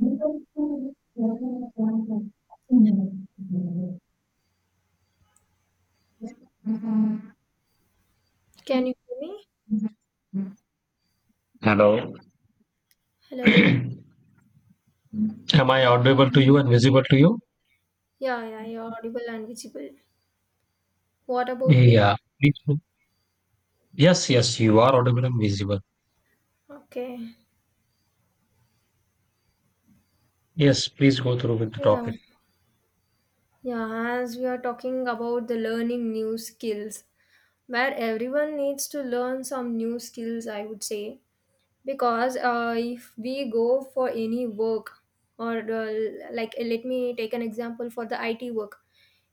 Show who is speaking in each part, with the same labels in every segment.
Speaker 1: Hello.
Speaker 2: Can you hear me? Hello.
Speaker 1: Am I audible to you and visible to you?
Speaker 2: Yeah, yeah, you're audible and visible. What about me?
Speaker 1: Yeah. Please go- Yes, yes, you are audible and visible.
Speaker 2: Okay.
Speaker 1: Yes, please go through with the
Speaker 2: Yeah.
Speaker 1: topic.
Speaker 2: Yeah, as we are talking about the learning new skills, where everyone needs to learn some new skills, I would say. Because if we go for any work, or like let me take an example for the IT work,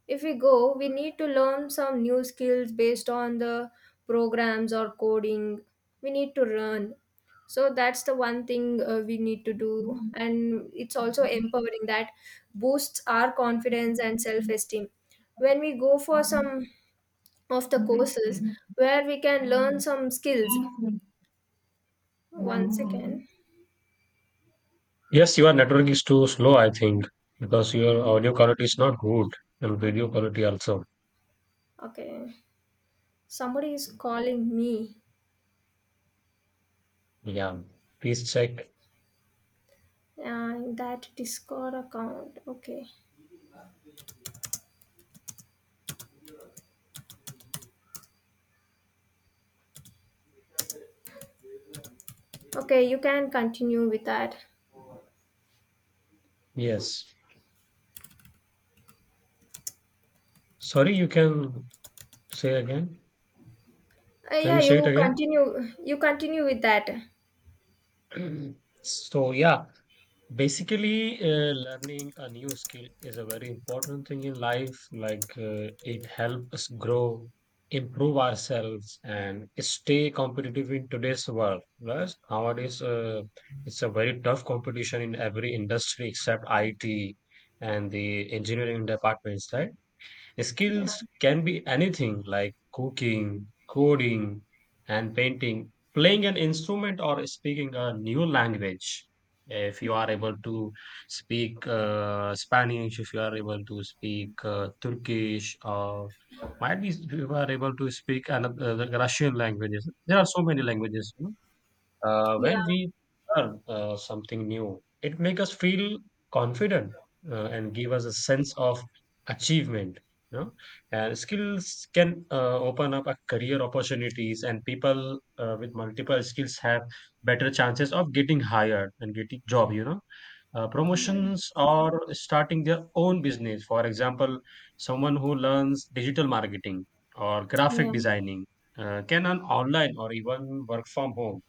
Speaker 2: if we go, we need to learn some new skills based on the programs or coding we need to learn. So that's the one thing we need to do, and it's also empowering that boosts our confidence and self esteem when we go for some of the courses where we can learn some skills. One second.
Speaker 1: Yes, your network is too slow, I think, because your audio quality is not good and video quality also.
Speaker 2: Okay, somebody is calling me.
Speaker 1: Yeah. Please check.
Speaker 2: That Discord account. Okay. Okay, you can continue with that.
Speaker 1: Yes. Sorry, you can say again. Can
Speaker 2: Yeah,
Speaker 1: you say
Speaker 2: you
Speaker 1: it
Speaker 2: continue. You continue with that.
Speaker 1: again? So, yeah, basically, learning a new skill is a very important thing in life. Like, it helps us grow, improve ourselves, and stay competitive in today's world. Plus, nowadays, it's a very tough competition in every industry except IT and the engineering departments, right?
Speaker 2: Yeah,
Speaker 1: Skills can be anything like cooking, coding, and painting, playing an instrument, or speaking a new language. If you are able to speak Spanish, if you are able to speak Turkish, or might be you are able to speak another Russian languages. There are so many languages. Uh,
Speaker 2: yeah,
Speaker 1: when we learn something new, it makes us feel confident and give us a sense of achievement. You know? And skills can open up a career opportunities, and people with multiple skills have better chances of getting hired and getting job. You know,
Speaker 2: yeah,
Speaker 1: promotions or starting their own business. For example, someone who learns digital marketing or graphic
Speaker 2: yeah,
Speaker 1: designing can earn online or even work from home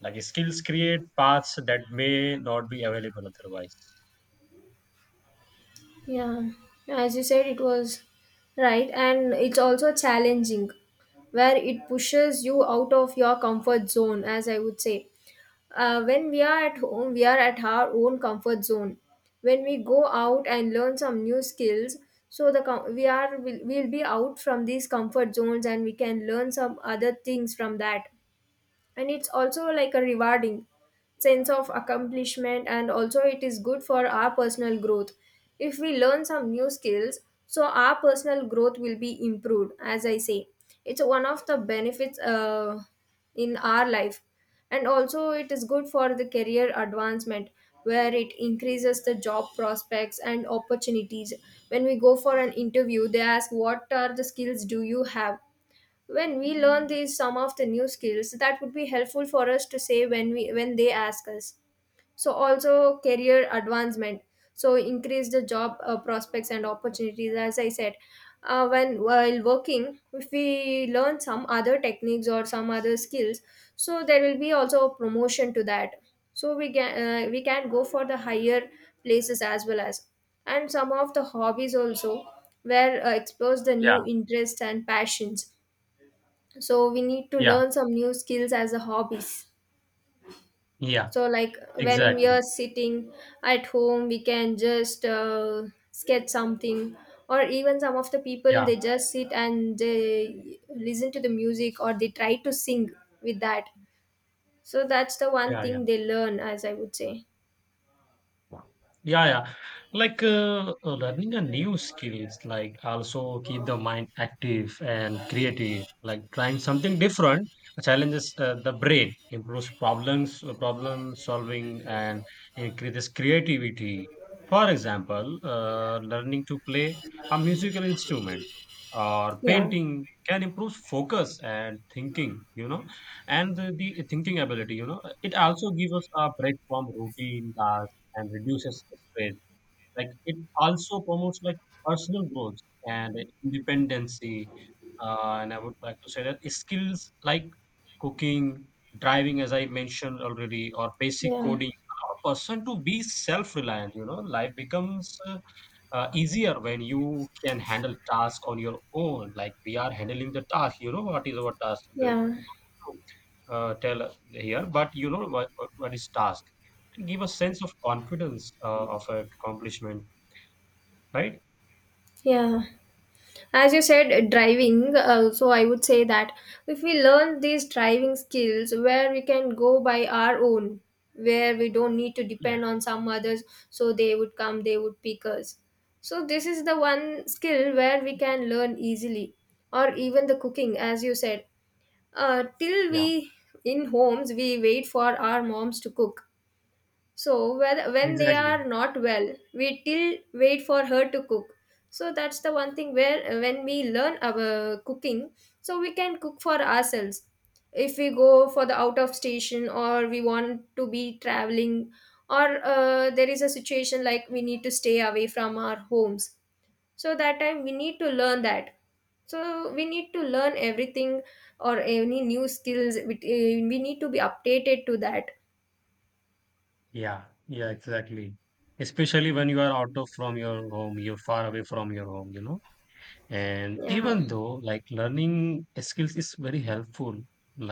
Speaker 1: like skills create paths that may not be available otherwise.
Speaker 2: yeah. As you said, it was right, and it's also challenging, where it pushes you out of your comfort zone. As I would say, when we are at home, we are at our own comfort zone. When we go out and learn some new skills, so we are will we'll be out from these comfort zones, and we can learn some other things from that. And it's also like a rewarding sense of accomplishment, and also it is good for our personal growth if we learn some new skills, so our personal growth will be improved, as I say. It's one of the benefits in our life. And also it is good for the career advancement, where it increases the job prospects and opportunities. When we go for an interview, they ask, what are the skills do you have? When we learn these, some of the new skills, that would be helpful for us to say when we when they ask us. So also career advancement, so increase the job prospects and opportunities, as I said. When While working, if we learn some other techniques or some other skills, so there will be also a promotion to that, so we can go for the higher places, as well as and some of the hobbies also, where explores the
Speaker 1: Yeah,
Speaker 2: new interests and passions. So we need to
Speaker 1: yeah,
Speaker 2: learn some new skills as a hobbies.
Speaker 1: yeah,
Speaker 2: So like when we
Speaker 1: exactly.
Speaker 2: are sitting at home, we can just sketch something, or even some of the people,
Speaker 1: Yeah,
Speaker 2: they just sit and they listen to the music or they try to sing with that. So that's the one
Speaker 1: yeah, yeah.
Speaker 2: thing they learn, as I would say.
Speaker 1: Yeah, yeah. Like learning a new skills, like also keep the mind active and creative. Like trying something different challenges the brain, improves problem solving, and increases creativity. For example, learning to play a musical instrument or
Speaker 2: Yeah.
Speaker 1: painting can improve focus and thinking. You know, and the thinking ability. You know, it also gives us a break from routine tasks and reduces stress. Like it also promotes like personal growth and independency. And I would like to say that skills like cooking, driving, as I mentioned already, or basic
Speaker 2: Yeah.
Speaker 1: coding, allow a person to be self-reliant. You know, life becomes easier when you can handle task on your own. Like we are handling the task. You know what is our task? The
Speaker 2: Yeah.
Speaker 1: tell here, but you know what is task. Give a sense of confidence of accomplishment, right?
Speaker 2: Yeah. As you said, driving, so I would say that if we learn these driving skills, where we can go by our own, where we don't need to
Speaker 1: Yeah,
Speaker 2: depend on some others, so they would come, they would pick us. So, this is the one skill where we can learn easily, or even the cooking, as you said. Till
Speaker 1: yeah,
Speaker 2: we in homes, we wait for our moms to cook. So when they
Speaker 1: exactly.
Speaker 2: are not well, we till wait for her to cook. So that's the one thing where when we learn our cooking, so we can cook for ourselves. If we go for the out of station or we want to be traveling, or there is a situation like we need to stay away from our homes. So that time we need to learn that. So we need to learn everything or any new skills. We need to be updated to that.
Speaker 1: Yeah, yeah, exactly. Especially when you are out of from your home, you're far away from your home, you know. And
Speaker 2: Yeah.
Speaker 1: even though like learning skills is very helpful,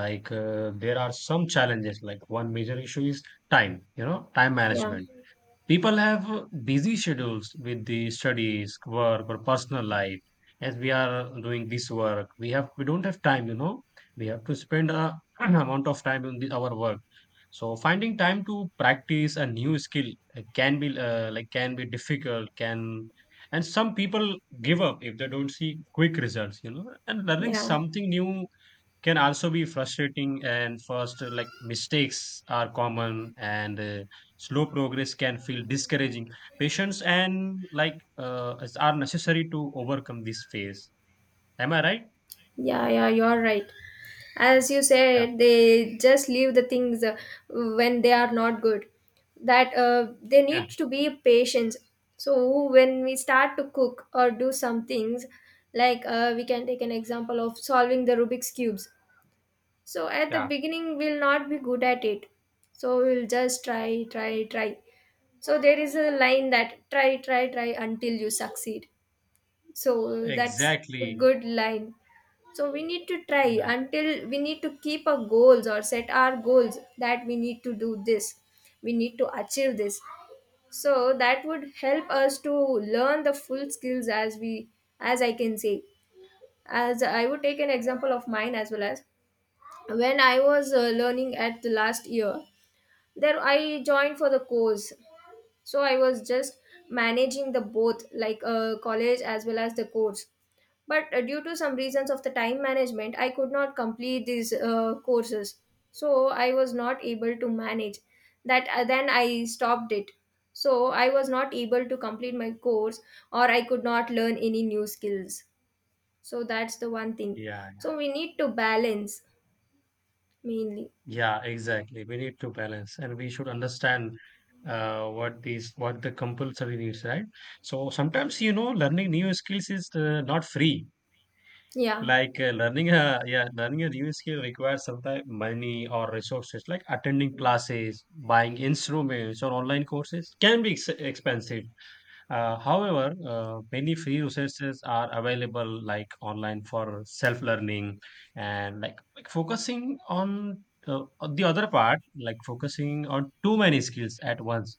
Speaker 1: like there are some challenges like one major issue is time, you know, time
Speaker 2: Yeah.
Speaker 1: management. People have busy schedules with the studies, work, or personal life. As we are doing this work, we don't have time. You know, we have to spend a amount of time on our work. So finding time to practice a new skill can be difficult. Can And some people give up if they don't see quick results. You know, and learning
Speaker 2: Yeah,
Speaker 1: something new can also be frustrating and first, like mistakes are common, and slow progress can feel discouraging. Patience and are necessary to overcome this phase. Am I right?
Speaker 2: yeah, yeah, you're right. As you
Speaker 1: Yeah,
Speaker 2: said, they just leave the things when they are not good. That They
Speaker 1: yeah,
Speaker 2: need to be patient. So when we start to cook or do some things, like we can take an example of solving the Rubik's cubes. So at the
Speaker 1: yeah,
Speaker 2: beginning, we'll not be good at it. So we'll just try, try, try. So there is a line that try, try, try until you succeed. So that's a
Speaker 1: exactly.
Speaker 2: good line. So we need to try
Speaker 1: Yeah,
Speaker 2: until we need to keep our goals or set our goals that we need to do this, we need to achieve this. So that would help us to learn the full skills, as we as I can say. As I would take an example of mine, as well as when I was learning at the last year, there I joined for the course. So I was just managing the both, like college as well as the course, but due to some reasons of the time management, I could not complete these courses. So I was not able to manage that. Then I stopped it, so I was not able to complete my course or I could not learn any new skills. So that's the one thing.
Speaker 1: yeah.
Speaker 2: So we need to balance, mainly.
Speaker 1: Yeah, exactly, we need to balance, and we should understand what the compulsory needs, right? So sometimes, you know, learning new skills is not free.
Speaker 2: Yeah.
Speaker 1: Like learning a new skill requires sometimes money or resources. Like attending classes, buying instruments, or online courses can be ex expensive. However, many free resources are available, like online for self-learning, and like focusing on the other part, like focusing on too many skills at once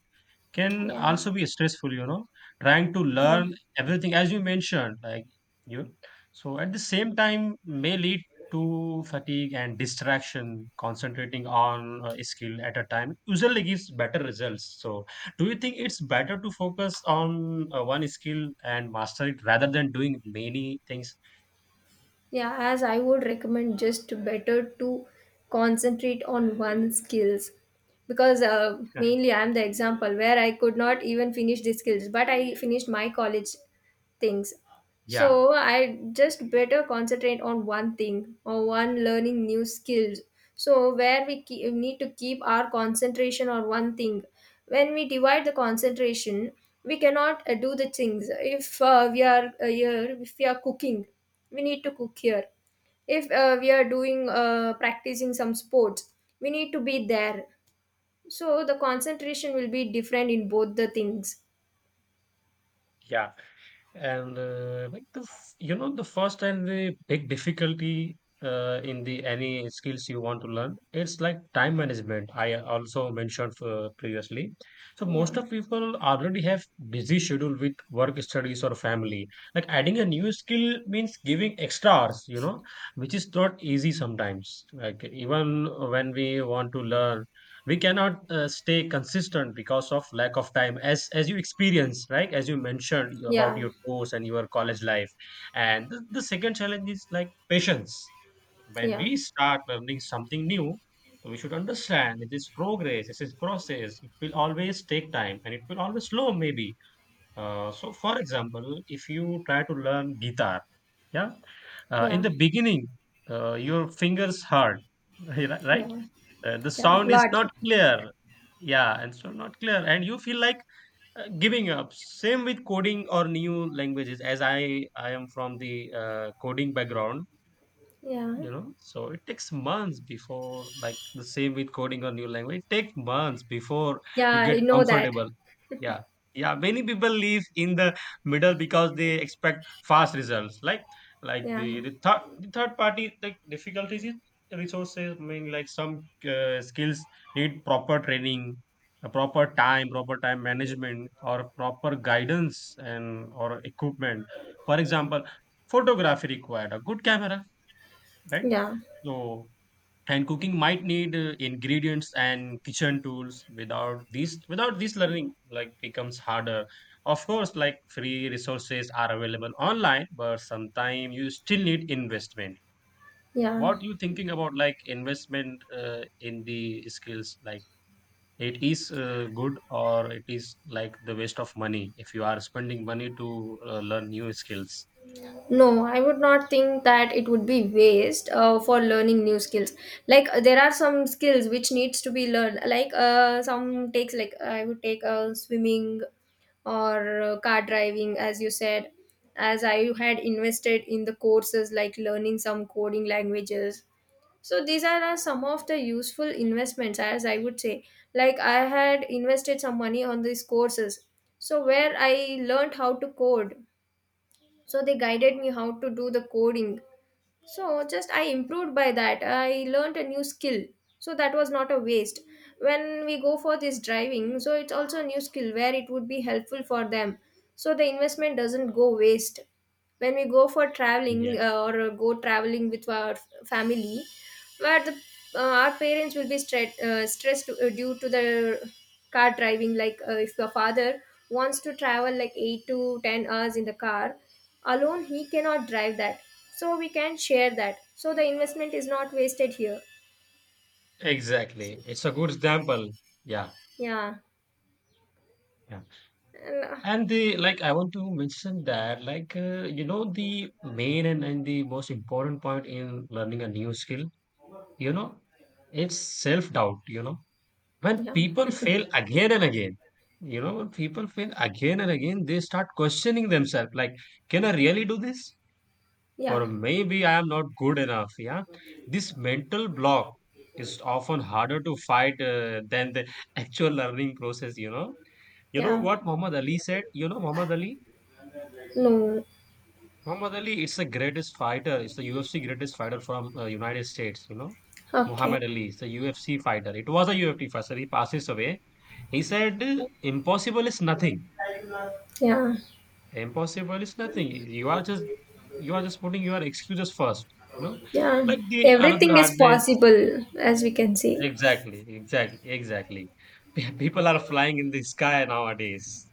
Speaker 1: can
Speaker 2: Yeah.
Speaker 1: also be stressful, you know. Trying to
Speaker 2: Yeah.
Speaker 1: learn everything as you mentioned, like you, so at the same time may lead to fatigue and distraction. Concentrating on a skill at a time usually gives better results. So do you think it's better to focus on one skill and master it rather than doing many things?
Speaker 2: Yeah, as I would recommend, just better to concentrate on one skills, because
Speaker 1: Yeah.
Speaker 2: mainly I'm the example where I could not even finish the skills, but I finished my college things.
Speaker 1: Yeah,
Speaker 2: So I just better concentrate on one thing or one learning new skills. So where we need to keep our concentration on one thing. When we divide the concentration, we cannot do the things. If we are here, if we are cooking, we need to cook here. If we are doing practicing some sports, we need to be there. So the concentration will be different in both the things.
Speaker 1: yeah. And like you know the first and the big difficulty in the any skills you want to learn, it's like time management. I also mentioned previously. So
Speaker 2: Yeah,
Speaker 1: most of people already have busy schedule with work, studies, or family. Like adding a new skill means giving extra hours, you know, which is not easy sometimes. Like even when we want to learn, we cannot stay consistent because of lack of time, as you experience, right? As you mentioned, about
Speaker 2: yeah,
Speaker 1: your course and your college life. And the second challenge is like patience. When
Speaker 2: yeah,
Speaker 1: we start learning something new, we should understand it is progress, it is process, it will always take time, and it will always slow maybe. So, for example, if you try to learn guitar, yeah, in
Speaker 2: yeah,
Speaker 1: the beginning, your fingers hurt, right?
Speaker 2: yeah.
Speaker 1: The
Speaker 2: Yeah,
Speaker 1: sound is
Speaker 2: lot.
Speaker 1: not clear. Yeah, and so not clear, and you feel like giving up. Same with coding or new languages. As I am from the coding background,
Speaker 2: Yeah.
Speaker 1: you know. So it takes months before, like the same with coding a new language, it takes months before you
Speaker 2: Yeah,
Speaker 1: get
Speaker 2: you know that.
Speaker 1: comfortable. Yeah. Yeah, many people leave in the middle because they expect fast results. Like
Speaker 2: Yeah.
Speaker 1: the third party, like difficulties in resources, I mean, like some skills need proper training, a proper time management or proper guidance and or equipment. For example, photography required a good camera, right?
Speaker 2: Yeah.
Speaker 1: So, and cooking might need ingredients and kitchen tools. Without these, without this learning, like becomes harder. Of course, like free resources are available online, but sometimes you still need investment.
Speaker 2: Yeah.
Speaker 1: What you thinking about like investment in the skills? Like, it is good or it is like the waste of money if you are spending money to learn new skills.
Speaker 2: No, I would not think that it would be waste for learning new skills. Like there are some skills which needs to be learned, like some takes, like I would take swimming, or car driving, as you said. As I had invested in the courses, like learning some coding languages. So these are some of the useful investments, as I would say. Like I had invested some money on these courses, so where I learned how to code. So they guided me how to do the coding. So just I improved by that. I learned a new skill. So that was not a waste. When we go for this driving, so it's also a new skill, where it would be helpful for them. So the investment doesn't go waste when we go for traveling
Speaker 1: Yes.
Speaker 2: or go traveling with our family, where the our parents will be stressed due to the car driving. Like if your father wants to travel like 8 to 10 hours in the car, alone, he cannot drive that. So we can share that. So the investment is not wasted here.
Speaker 1: Exactly, it's a good example. Yeah,
Speaker 2: Yeah.
Speaker 1: yeah.
Speaker 2: And,
Speaker 1: And the like, I want to mention that, like, you know, the main and the most important point in learning a new skill, you know, it's self-doubt, you know. When
Speaker 2: Yeah.
Speaker 1: people fail again and again, you know, when people fail again and again, they start questioning themselves, like, can I really do this? Or
Speaker 2: Yeah.
Speaker 1: maybe I am not good enough. Yeah. This mental block is often harder to fight than the actual learning process, you know. You know
Speaker 2: Yeah.
Speaker 1: what Muhammad Ali said? You know,
Speaker 2: No.
Speaker 1: Muhammad Ali is the greatest fighter. Is the UFC greatest fighter from United States. You know,
Speaker 2: Okay.
Speaker 1: Muhammad Ali is the UFC fighter. It was a UFC fighter. He passes away. He said, "Impossible is nothing.
Speaker 2: Yeah.
Speaker 1: Impossible is nothing. You are just you are just putting your excuses first. You know,
Speaker 2: Yeah.
Speaker 1: like the another
Speaker 2: Everything
Speaker 1: hard
Speaker 2: is
Speaker 1: race.
Speaker 2: possible, as we can see.
Speaker 1: Exactly, exactly, exactly. People are flying in the sky nowadays.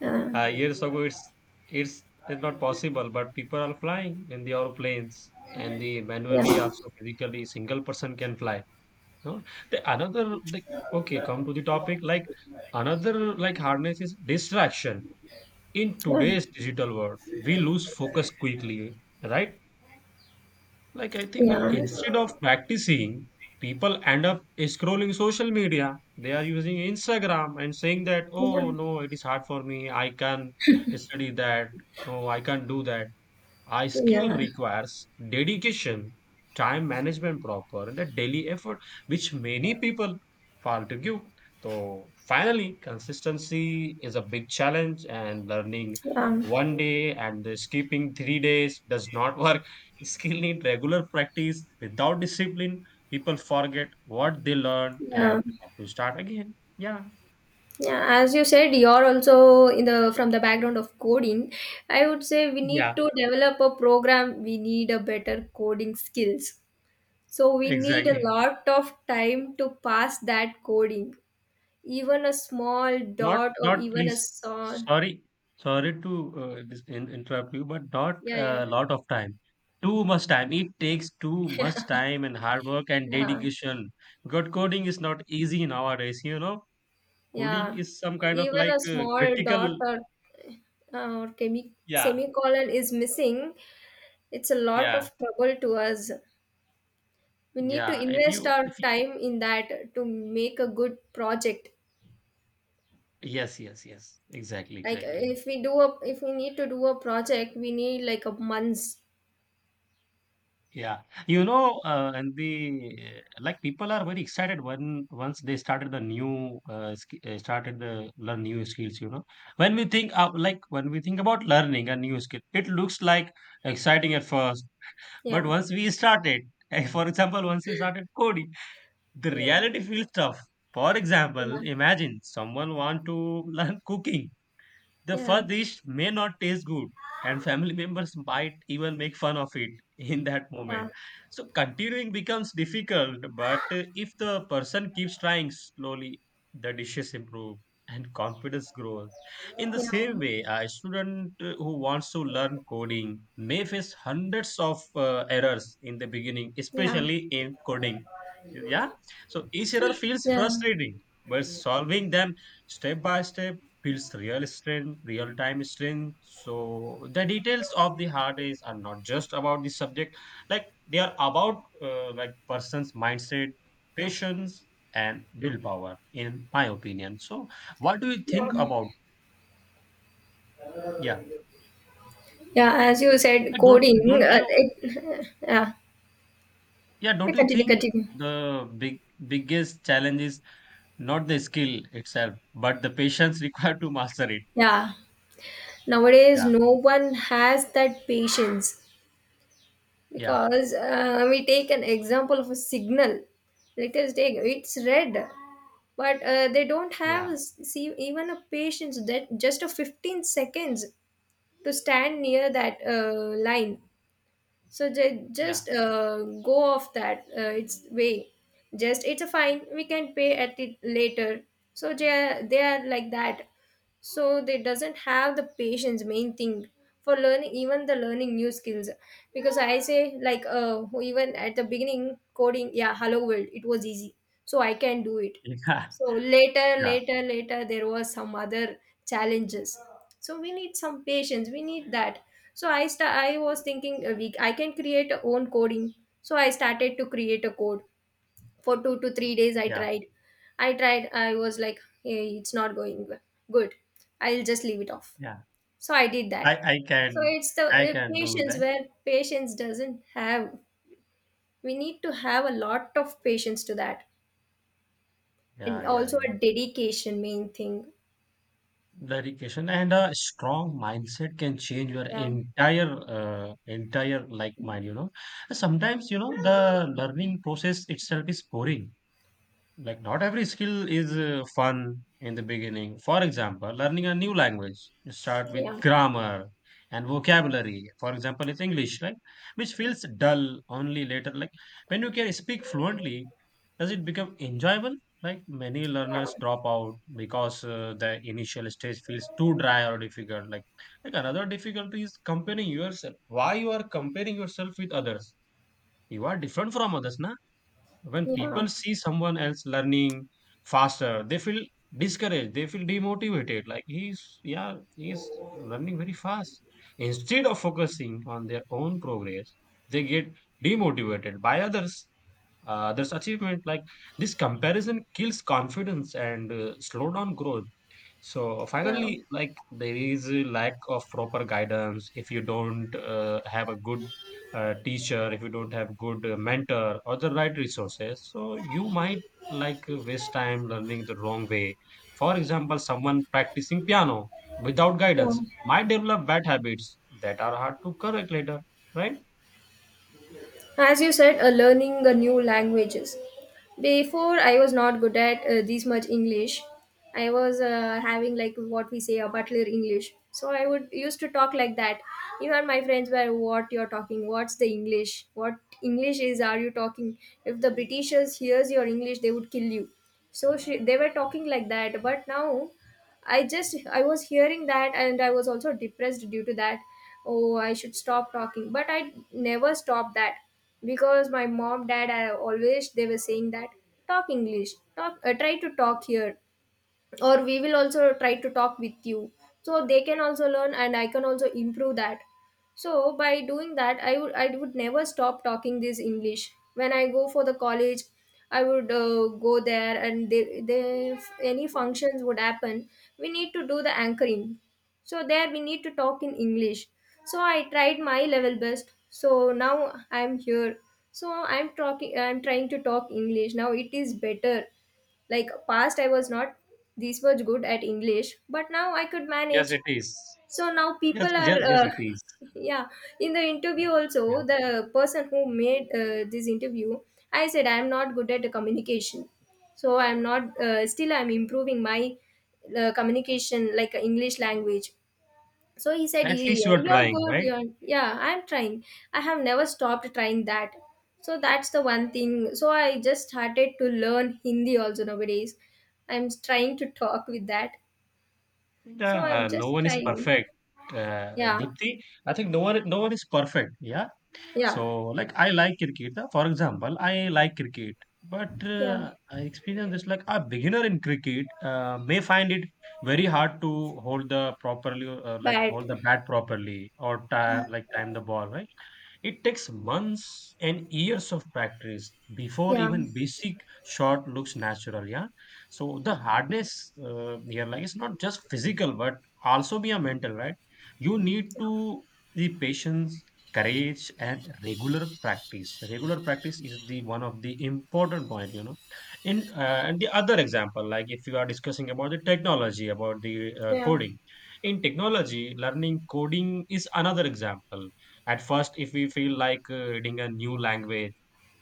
Speaker 2: Yeah.
Speaker 1: Years ago, it's, it's not possible, but people are flying in the airplanes and the manually
Speaker 2: Yeah.
Speaker 1: also physically single person can fly. No, the another the okay, come to the topic. Like another like harness is distraction. In
Speaker 2: Yeah.
Speaker 1: today's digital world, we lose focus quickly, right? Like I think like
Speaker 2: Yeah.
Speaker 1: instead of practicing, people end up scrolling social media. They are using Instagram and saying that,
Speaker 2: Yeah.
Speaker 1: oh no, it is hard for me. I can study that. No, I can't do that. A skill
Speaker 2: Yeah.
Speaker 1: requires dedication, time management proper, and a daily effort, which many people fail to give. So finally, consistency is a big challenge, and learning
Speaker 2: Yeah.
Speaker 1: one day and the skipping three days does not work. Skill need regular practice. Without discipline, people forget what they learn and
Speaker 2: Yeah.
Speaker 1: have to start again. Yeah.
Speaker 2: Yeah, as you said, you're also in the from the background of coding. I would say we need
Speaker 1: Yeah,
Speaker 2: to develop a program. We need a better coding skills. So we need a
Speaker 1: exactly.
Speaker 2: lot of time to pass that coding. Even a small dot or
Speaker 1: Not
Speaker 2: even a
Speaker 1: please.
Speaker 2: small.
Speaker 1: Sorry. Sorry to dis in interrupt you, but not
Speaker 2: Yeah.
Speaker 1: a
Speaker 2: Yeah.
Speaker 1: lot of time. Too much time. It takes too much time and hard work and
Speaker 2: Yeah.
Speaker 1: dedication. Good coding is not easy nowadays, you know. Coding
Speaker 2: Yeah.
Speaker 1: is some kind of
Speaker 2: Even
Speaker 1: like
Speaker 2: a small
Speaker 1: critical.
Speaker 2: dot or
Speaker 1: Yeah,
Speaker 2: semicolon is missing. It's a lot
Speaker 1: yeah,
Speaker 2: of trouble to us. We need to
Speaker 1: yeah.
Speaker 2: invest our
Speaker 1: If you,
Speaker 2: time in that to make a good project.
Speaker 1: yes, yes, yes. Exactly,
Speaker 2: Like
Speaker 1: exactly.
Speaker 2: if we need to do a project, we need like a months.
Speaker 1: Yeah, you know, and the like people are very excited when once they started the new sk started the learn new skills. You know, when we think about learning a new skill, it looks like exciting at first, but
Speaker 2: Yeah.
Speaker 1: once we started, for example, once we started coding, the
Speaker 2: Yeah.
Speaker 1: reality feels tough. For example,
Speaker 2: Yeah.
Speaker 1: imagine someone want to learn cooking. The first dish may not taste good, and family members might even make fun of it in that moment.
Speaker 2: Yeah.
Speaker 1: So, continuing becomes difficult, but if the person keeps trying slowly, the dishes improve and confidence grows. In the
Speaker 2: Yeah. Yeah.
Speaker 1: same way, a student who wants to learn coding may face hundreds of errors in the beginning,
Speaker 2: Yeah.
Speaker 1: especially in coding. Yeah, so each error feels
Speaker 2: Yeah.
Speaker 1: frustrating, but solving them step by step feels real strength, real time strength. So the details of the hard days are not just about the subject, like they are about like person's mindset, patience, and willpower. In my opinion, so what do you
Speaker 2: Yeah.
Speaker 1: think about? Yeah,
Speaker 2: Yeah, as you said,
Speaker 1: Don't
Speaker 2: coding,
Speaker 1: don't you?
Speaker 2: yeah.
Speaker 1: Yeah, don't
Speaker 2: Yeah,
Speaker 1: you
Speaker 2: continue
Speaker 1: think
Speaker 2: continue
Speaker 1: the biggest challenge is not the skill itself, but the patience required to master it?
Speaker 2: Yeah, nowadays
Speaker 1: Yeah,
Speaker 2: no one has that patience,
Speaker 1: yeah,
Speaker 2: because we take an example of a signal. Let us take, it's red. But they don't
Speaker 1: yeah,
Speaker 2: have see even a patience that just a 15 seconds to stand near that line. So they
Speaker 1: yeah,
Speaker 2: just go off that its way. Just it's a fine, we can pay at it later. So they are like that. So they doesn't have the patience, main thing, for learning, even the learning new skills. Because I say, like even at the beginning coding, yeah, hello world, it was easy. So I can do it.
Speaker 1: yeah,
Speaker 2: So later,
Speaker 1: yeah,
Speaker 2: later, later, there was some other challenges. So we need some patience. We need that. So I was thinking a week, I can create a own coding. So I started to create a code for 2 to 3 days. I
Speaker 1: yeah,
Speaker 2: tried. I tried. I was like, hey, it's not going well. Good. I'll just leave it off.
Speaker 1: yeah.
Speaker 2: So I did
Speaker 1: I
Speaker 2: that.
Speaker 1: I
Speaker 2: So
Speaker 1: can
Speaker 2: it's the
Speaker 1: I can do
Speaker 2: patience
Speaker 1: that.
Speaker 2: where patience doesn't have. We need to have a lot of patience to that,
Speaker 1: Yeah,
Speaker 2: and
Speaker 1: yeah,
Speaker 2: also
Speaker 1: yeah.
Speaker 2: a dedication, main thing.
Speaker 1: Dedication and a strong mindset can change your
Speaker 2: Yeah.
Speaker 1: entire like mind, you know. Sometimes, you know, the learning process itself is boring. Like not every skill is fun in the beginning, for example learning a new language. You start with
Speaker 2: Yeah.
Speaker 1: grammar and vocabulary, for example it's English, right? Which feels dull, only later like when you can speak fluently does it become enjoyable. Like many learners
Speaker 2: Yeah.
Speaker 1: drop out because the initial stage feels too dry or difficult. Like another difficulty is comparing yourself, why you are comparing yourself with others? You are different from others, na. When
Speaker 2: Yeah.
Speaker 1: people see someone else learning faster, they feel discouraged, they feel demotivated. Like he's, yeah, he's learning very fast. Instead of focusing on their own progress, they get demotivated by others, others' achievement. Like this comparison kills confidence and slow down growth. So
Speaker 2: Yeah.
Speaker 1: finally, like there is a lack of proper guidance. If you don't have a good teacher, if you don't have good mentor or the right resources, so you might like waste time learning the wrong way. For example, someone practicing piano without
Speaker 2: Yeah.
Speaker 1: guidance might develop bad habits that are hard to correct later, right?
Speaker 2: As you said, learning new languages. Before, I was not good at this much English. I was having like what we say a butler English. So I would used to talk like that. Even my friends were, "What you're talking? What's the English? What English is? Are you talking? If the Britishers hears your English, they would kill you." So they were talking like that. But now, I was hearing that, and I was also depressed due to that. Oh, I should stop talking, but I never stopped that because my mom dad, I always they were saying that, talk English, talk, try to talk here, or we will also try to talk with you, so they can also learn and I can also improve that. So by doing that, I would never stop talking this English. When I go for the college, I would go there, and they if any functions would happen, we need to do the anchoring. So there we need to talk in English. So I tried my level best. So now I'm here. So I'm talking. I'm trying to talk English now. It is better like past I was not this much good at English, but now I could
Speaker 1: Yes,
Speaker 2: manage.
Speaker 1: it is.
Speaker 2: So now
Speaker 1: Yes,
Speaker 2: people are,
Speaker 1: yes, yes, it is.
Speaker 2: yeah, in the interview
Speaker 1: Yeah,
Speaker 2: also, the person who made this interview, I said, I'm not good at the communication. So I'm not, still I'm improving my communication, like English language. So he said,
Speaker 1: at least you
Speaker 2: yeah,
Speaker 1: are
Speaker 2: you're
Speaker 1: trying,
Speaker 2: good.
Speaker 1: right?
Speaker 2: You're, yeah, I'm trying. I have never stopped trying that. So that's the one thing. So I just started to learn Hindi also nowadays. I'm trying to talk with that. So
Speaker 1: Yeah,
Speaker 2: I'm
Speaker 1: no
Speaker 2: just
Speaker 1: one is
Speaker 2: trying.
Speaker 1: perfect.
Speaker 2: Yeah.
Speaker 1: Deepthi, I think no one is perfect. Yeah. So
Speaker 2: Yeah.
Speaker 1: like I like cricket. For example, I like cricket, but
Speaker 2: Yeah,
Speaker 1: I experience this like a beginner in cricket may find it very hard to hold the properly like
Speaker 2: bad.
Speaker 1: hold the bat properly or time the ball, right? It takes months and years of practice before
Speaker 2: Yeah,
Speaker 1: even basic shot looks natural. Yeah. So the hardness here, like, it's not just physical, but also be a mental, right? You need to the patience, courage, and regular practice. Regular practice is the one of the important point, you know. In and the other example, like if you are discussing about the technology, about the
Speaker 2: yeah,
Speaker 1: coding. In technology, learning coding is another example. At first, if we feel like reading a new language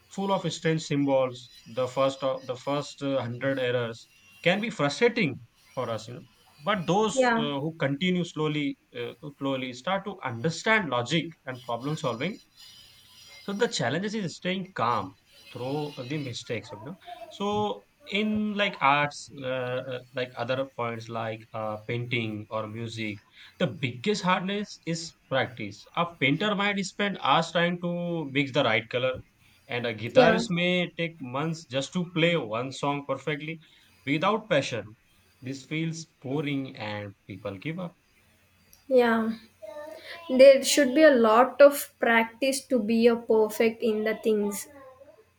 Speaker 1: full of strange symbols, the first of the first hundred errors can be frustrating for us, you know. But those
Speaker 2: yeah,
Speaker 1: who continue slowly, start to understand logic and problem solving, so the challenges is staying calm through the mistakes, you know. So in like arts, like other points like painting or music, the biggest hardness is practice. A painter might spend hours trying to mix the right color, and a
Speaker 2: yeah,
Speaker 1: guitarist may take months just to play one song perfectly without passion. This feels boring, and people give up.
Speaker 2: yeah. There should be a lot of practice to be a perfect in the things.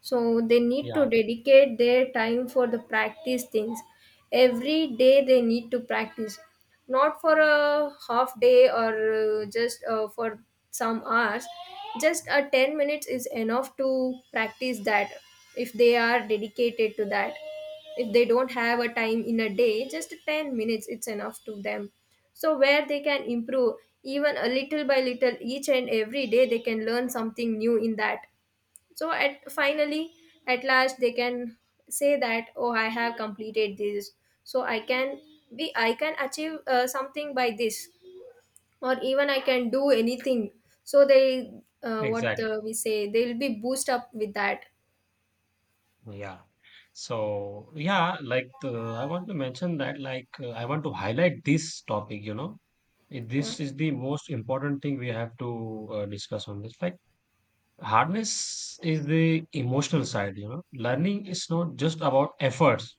Speaker 2: So they need to
Speaker 1: Yeah,
Speaker 2: dedicate their time for the practice things. Every day they need to practice, not for a half day or just for some hours. Just a 10 minutes is enough to practice that if they are dedicated to that. If they don't have a time in a day, just 10 minutes it's enough to them, so where they can improve, even a little by little, each and every day they can learn something new in that. So at finally, at last they can say that, oh, I have completed this, so I can be, I can achieve something by this, or even I can do anything. So they, what
Speaker 1: exactly.
Speaker 2: we say, they'll be boost up with that.
Speaker 1: Yeah. So, yeah, like I want to mention that, like, I want to highlight this topic, you know.
Speaker 2: Yeah,
Speaker 1: This is the most important thing we have to discuss on this. Like, hardness is the emotional side, you know, learning is not just about efforts,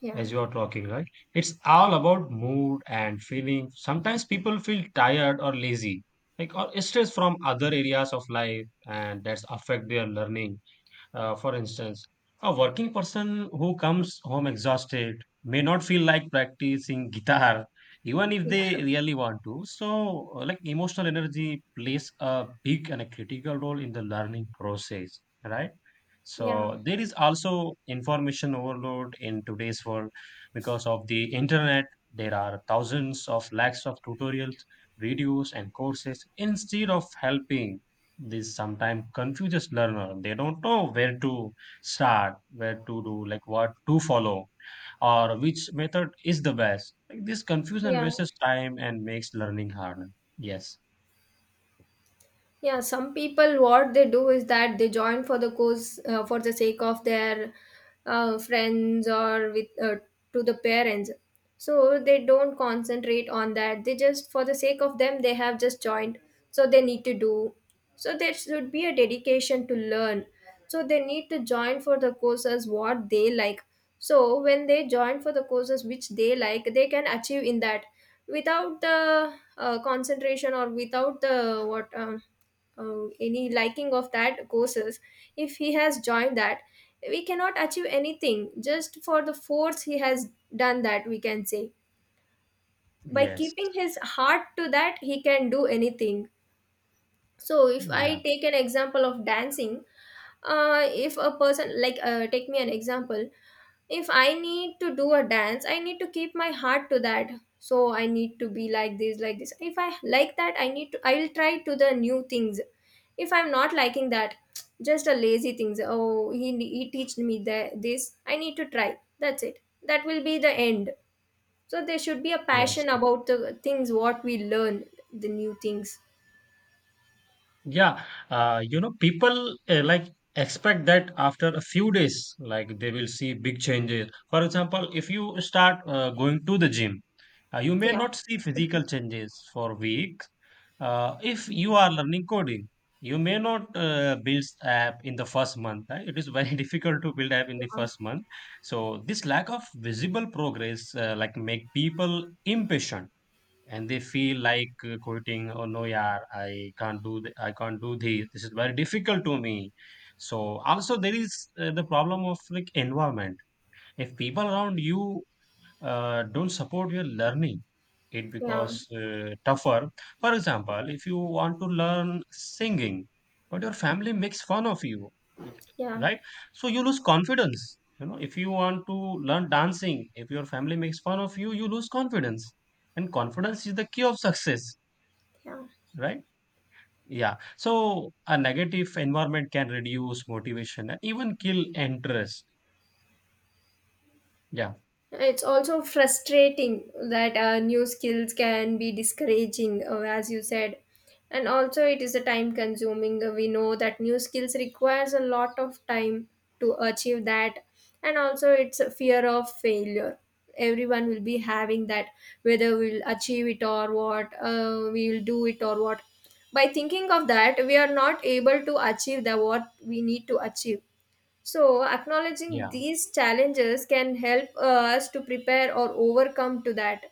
Speaker 2: yeah,
Speaker 1: as you are talking, right? It's all about mood and feeling. Sometimes people feel tired or lazy, like, or stress from other areas of life, and that's affect their learning for instance, a working person who comes home exhausted may not feel like practicing guitar, even if
Speaker 2: yeah,
Speaker 1: they really want to. So, like emotional energy plays a big and a critical role in the learning process, right?
Speaker 2: yeah,
Speaker 1: So, there is also information overload in today's world, because of the internet. There are thousands of lakhs of tutorials, videos, and courses. Instead of helping, this sometimes confuses learner. They don't know where to start, where to do, like what to follow, or which method is the best. Like this confusion
Speaker 2: yeah.
Speaker 1: wastes time and makes learning harder. Yes.
Speaker 2: Yeah, some people what they do is that they join for the cause for the sake of their friends or with to the parents. So they don't concentrate on that. They just for the sake of them they have just joined. So they need to do. So there should be a dedication to learn. So they need to join for the courses what they like. So when they join for the courses which they like, they can achieve in that without the concentration or without the what. Any liking of that courses, if he has joined that, we cannot achieve anything, just for the force he has done that, we can say. By
Speaker 1: Yes.
Speaker 2: keeping his heart to that, he can do anything. So if I
Speaker 1: Yeah.
Speaker 2: take an example of dancing, if a person like take me an example, if I need to do a dance, I need to keep my heart to that. So I need to be like this like this. If I like that, I will try to the new things. If I'm not liking that, just a lazy things, oh, he teached me that this, I need to try, that's it, that will be the end. So there should be a
Speaker 1: Yes.
Speaker 2: passion about the things what we learn, the new things.
Speaker 1: Yeah. You know, people like expect that after a few days, like they will see big changes. For example, if you start going to the gym, you may
Speaker 2: Yeah,
Speaker 1: not see physical changes for weeks. If you are learning coding, you may not build app in the first month, right? It is very difficult to build app in the
Speaker 2: yeah,
Speaker 1: first month. So this lack of visible progress like make people impatient, and they feel like quitting. Oh no, yeah, I can't I can't do this. This is very difficult to me. So also there is the problem of like environment. If people around you don't support your learning, it
Speaker 2: yeah,
Speaker 1: becomes tougher. For example, if you want to learn singing but your family makes fun of you, y-
Speaker 2: yeah,
Speaker 1: right? So you lose confidence. You know, if you want to learn dancing, if your family makes fun of you, you lose confidence, and confidence is the key of success,
Speaker 2: yeah.
Speaker 1: right? Yeah, so a negative environment can reduce motivation and even kill interest. Yeah.
Speaker 2: It's also frustrating that new skills can be discouraging, as you said. And also, it is a time consuming. We know that new skills requires a lot of time to achieve that. And also, it's a fear of failure. Everyone will be having that, whether we'll achieve it or what, we will do it or what. By thinking of that, we are not able to achieve the what we need to achieve. So, acknowledging
Speaker 1: Yeah.
Speaker 2: these challenges can help us to prepare or overcome to that,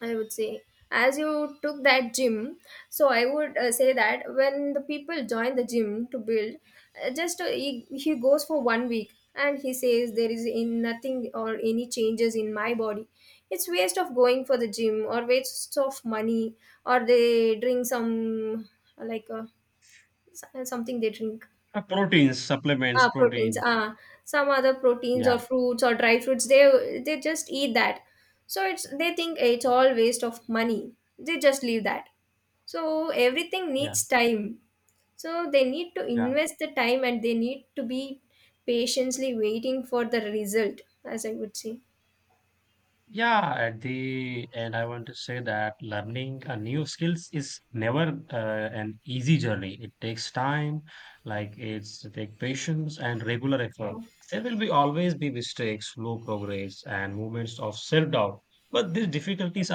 Speaker 2: I would say. As you took that gym, so I would say that when the people join the gym to build, he goes for 1 week and he says there is in nothing or any changes in my body. It's waste of going for the gym or waste of money, or they drink some like something they drink.
Speaker 1: Proteins, supplements,
Speaker 2: Ah, proteins.
Speaker 1: proteins.
Speaker 2: Ah, some other proteins or
Speaker 1: Yeah.
Speaker 2: fruits or dry fruits. They just eat that. So it's, they think, "Eh, it's all waste of money." They just leave that. So everything
Speaker 1: Yeah.
Speaker 2: needs time. So they need to
Speaker 1: Yeah.
Speaker 2: invest the time, and they need to be patiently waiting for the result, as I would say.
Speaker 1: Yeah, at the end, I want to say that learning a new skills is never an easy journey. It takes time, like it take patience and regular effort.
Speaker 2: Yeah.
Speaker 1: There will be always be mistakes, slow progress, and moments of self-doubt. But these difficulties are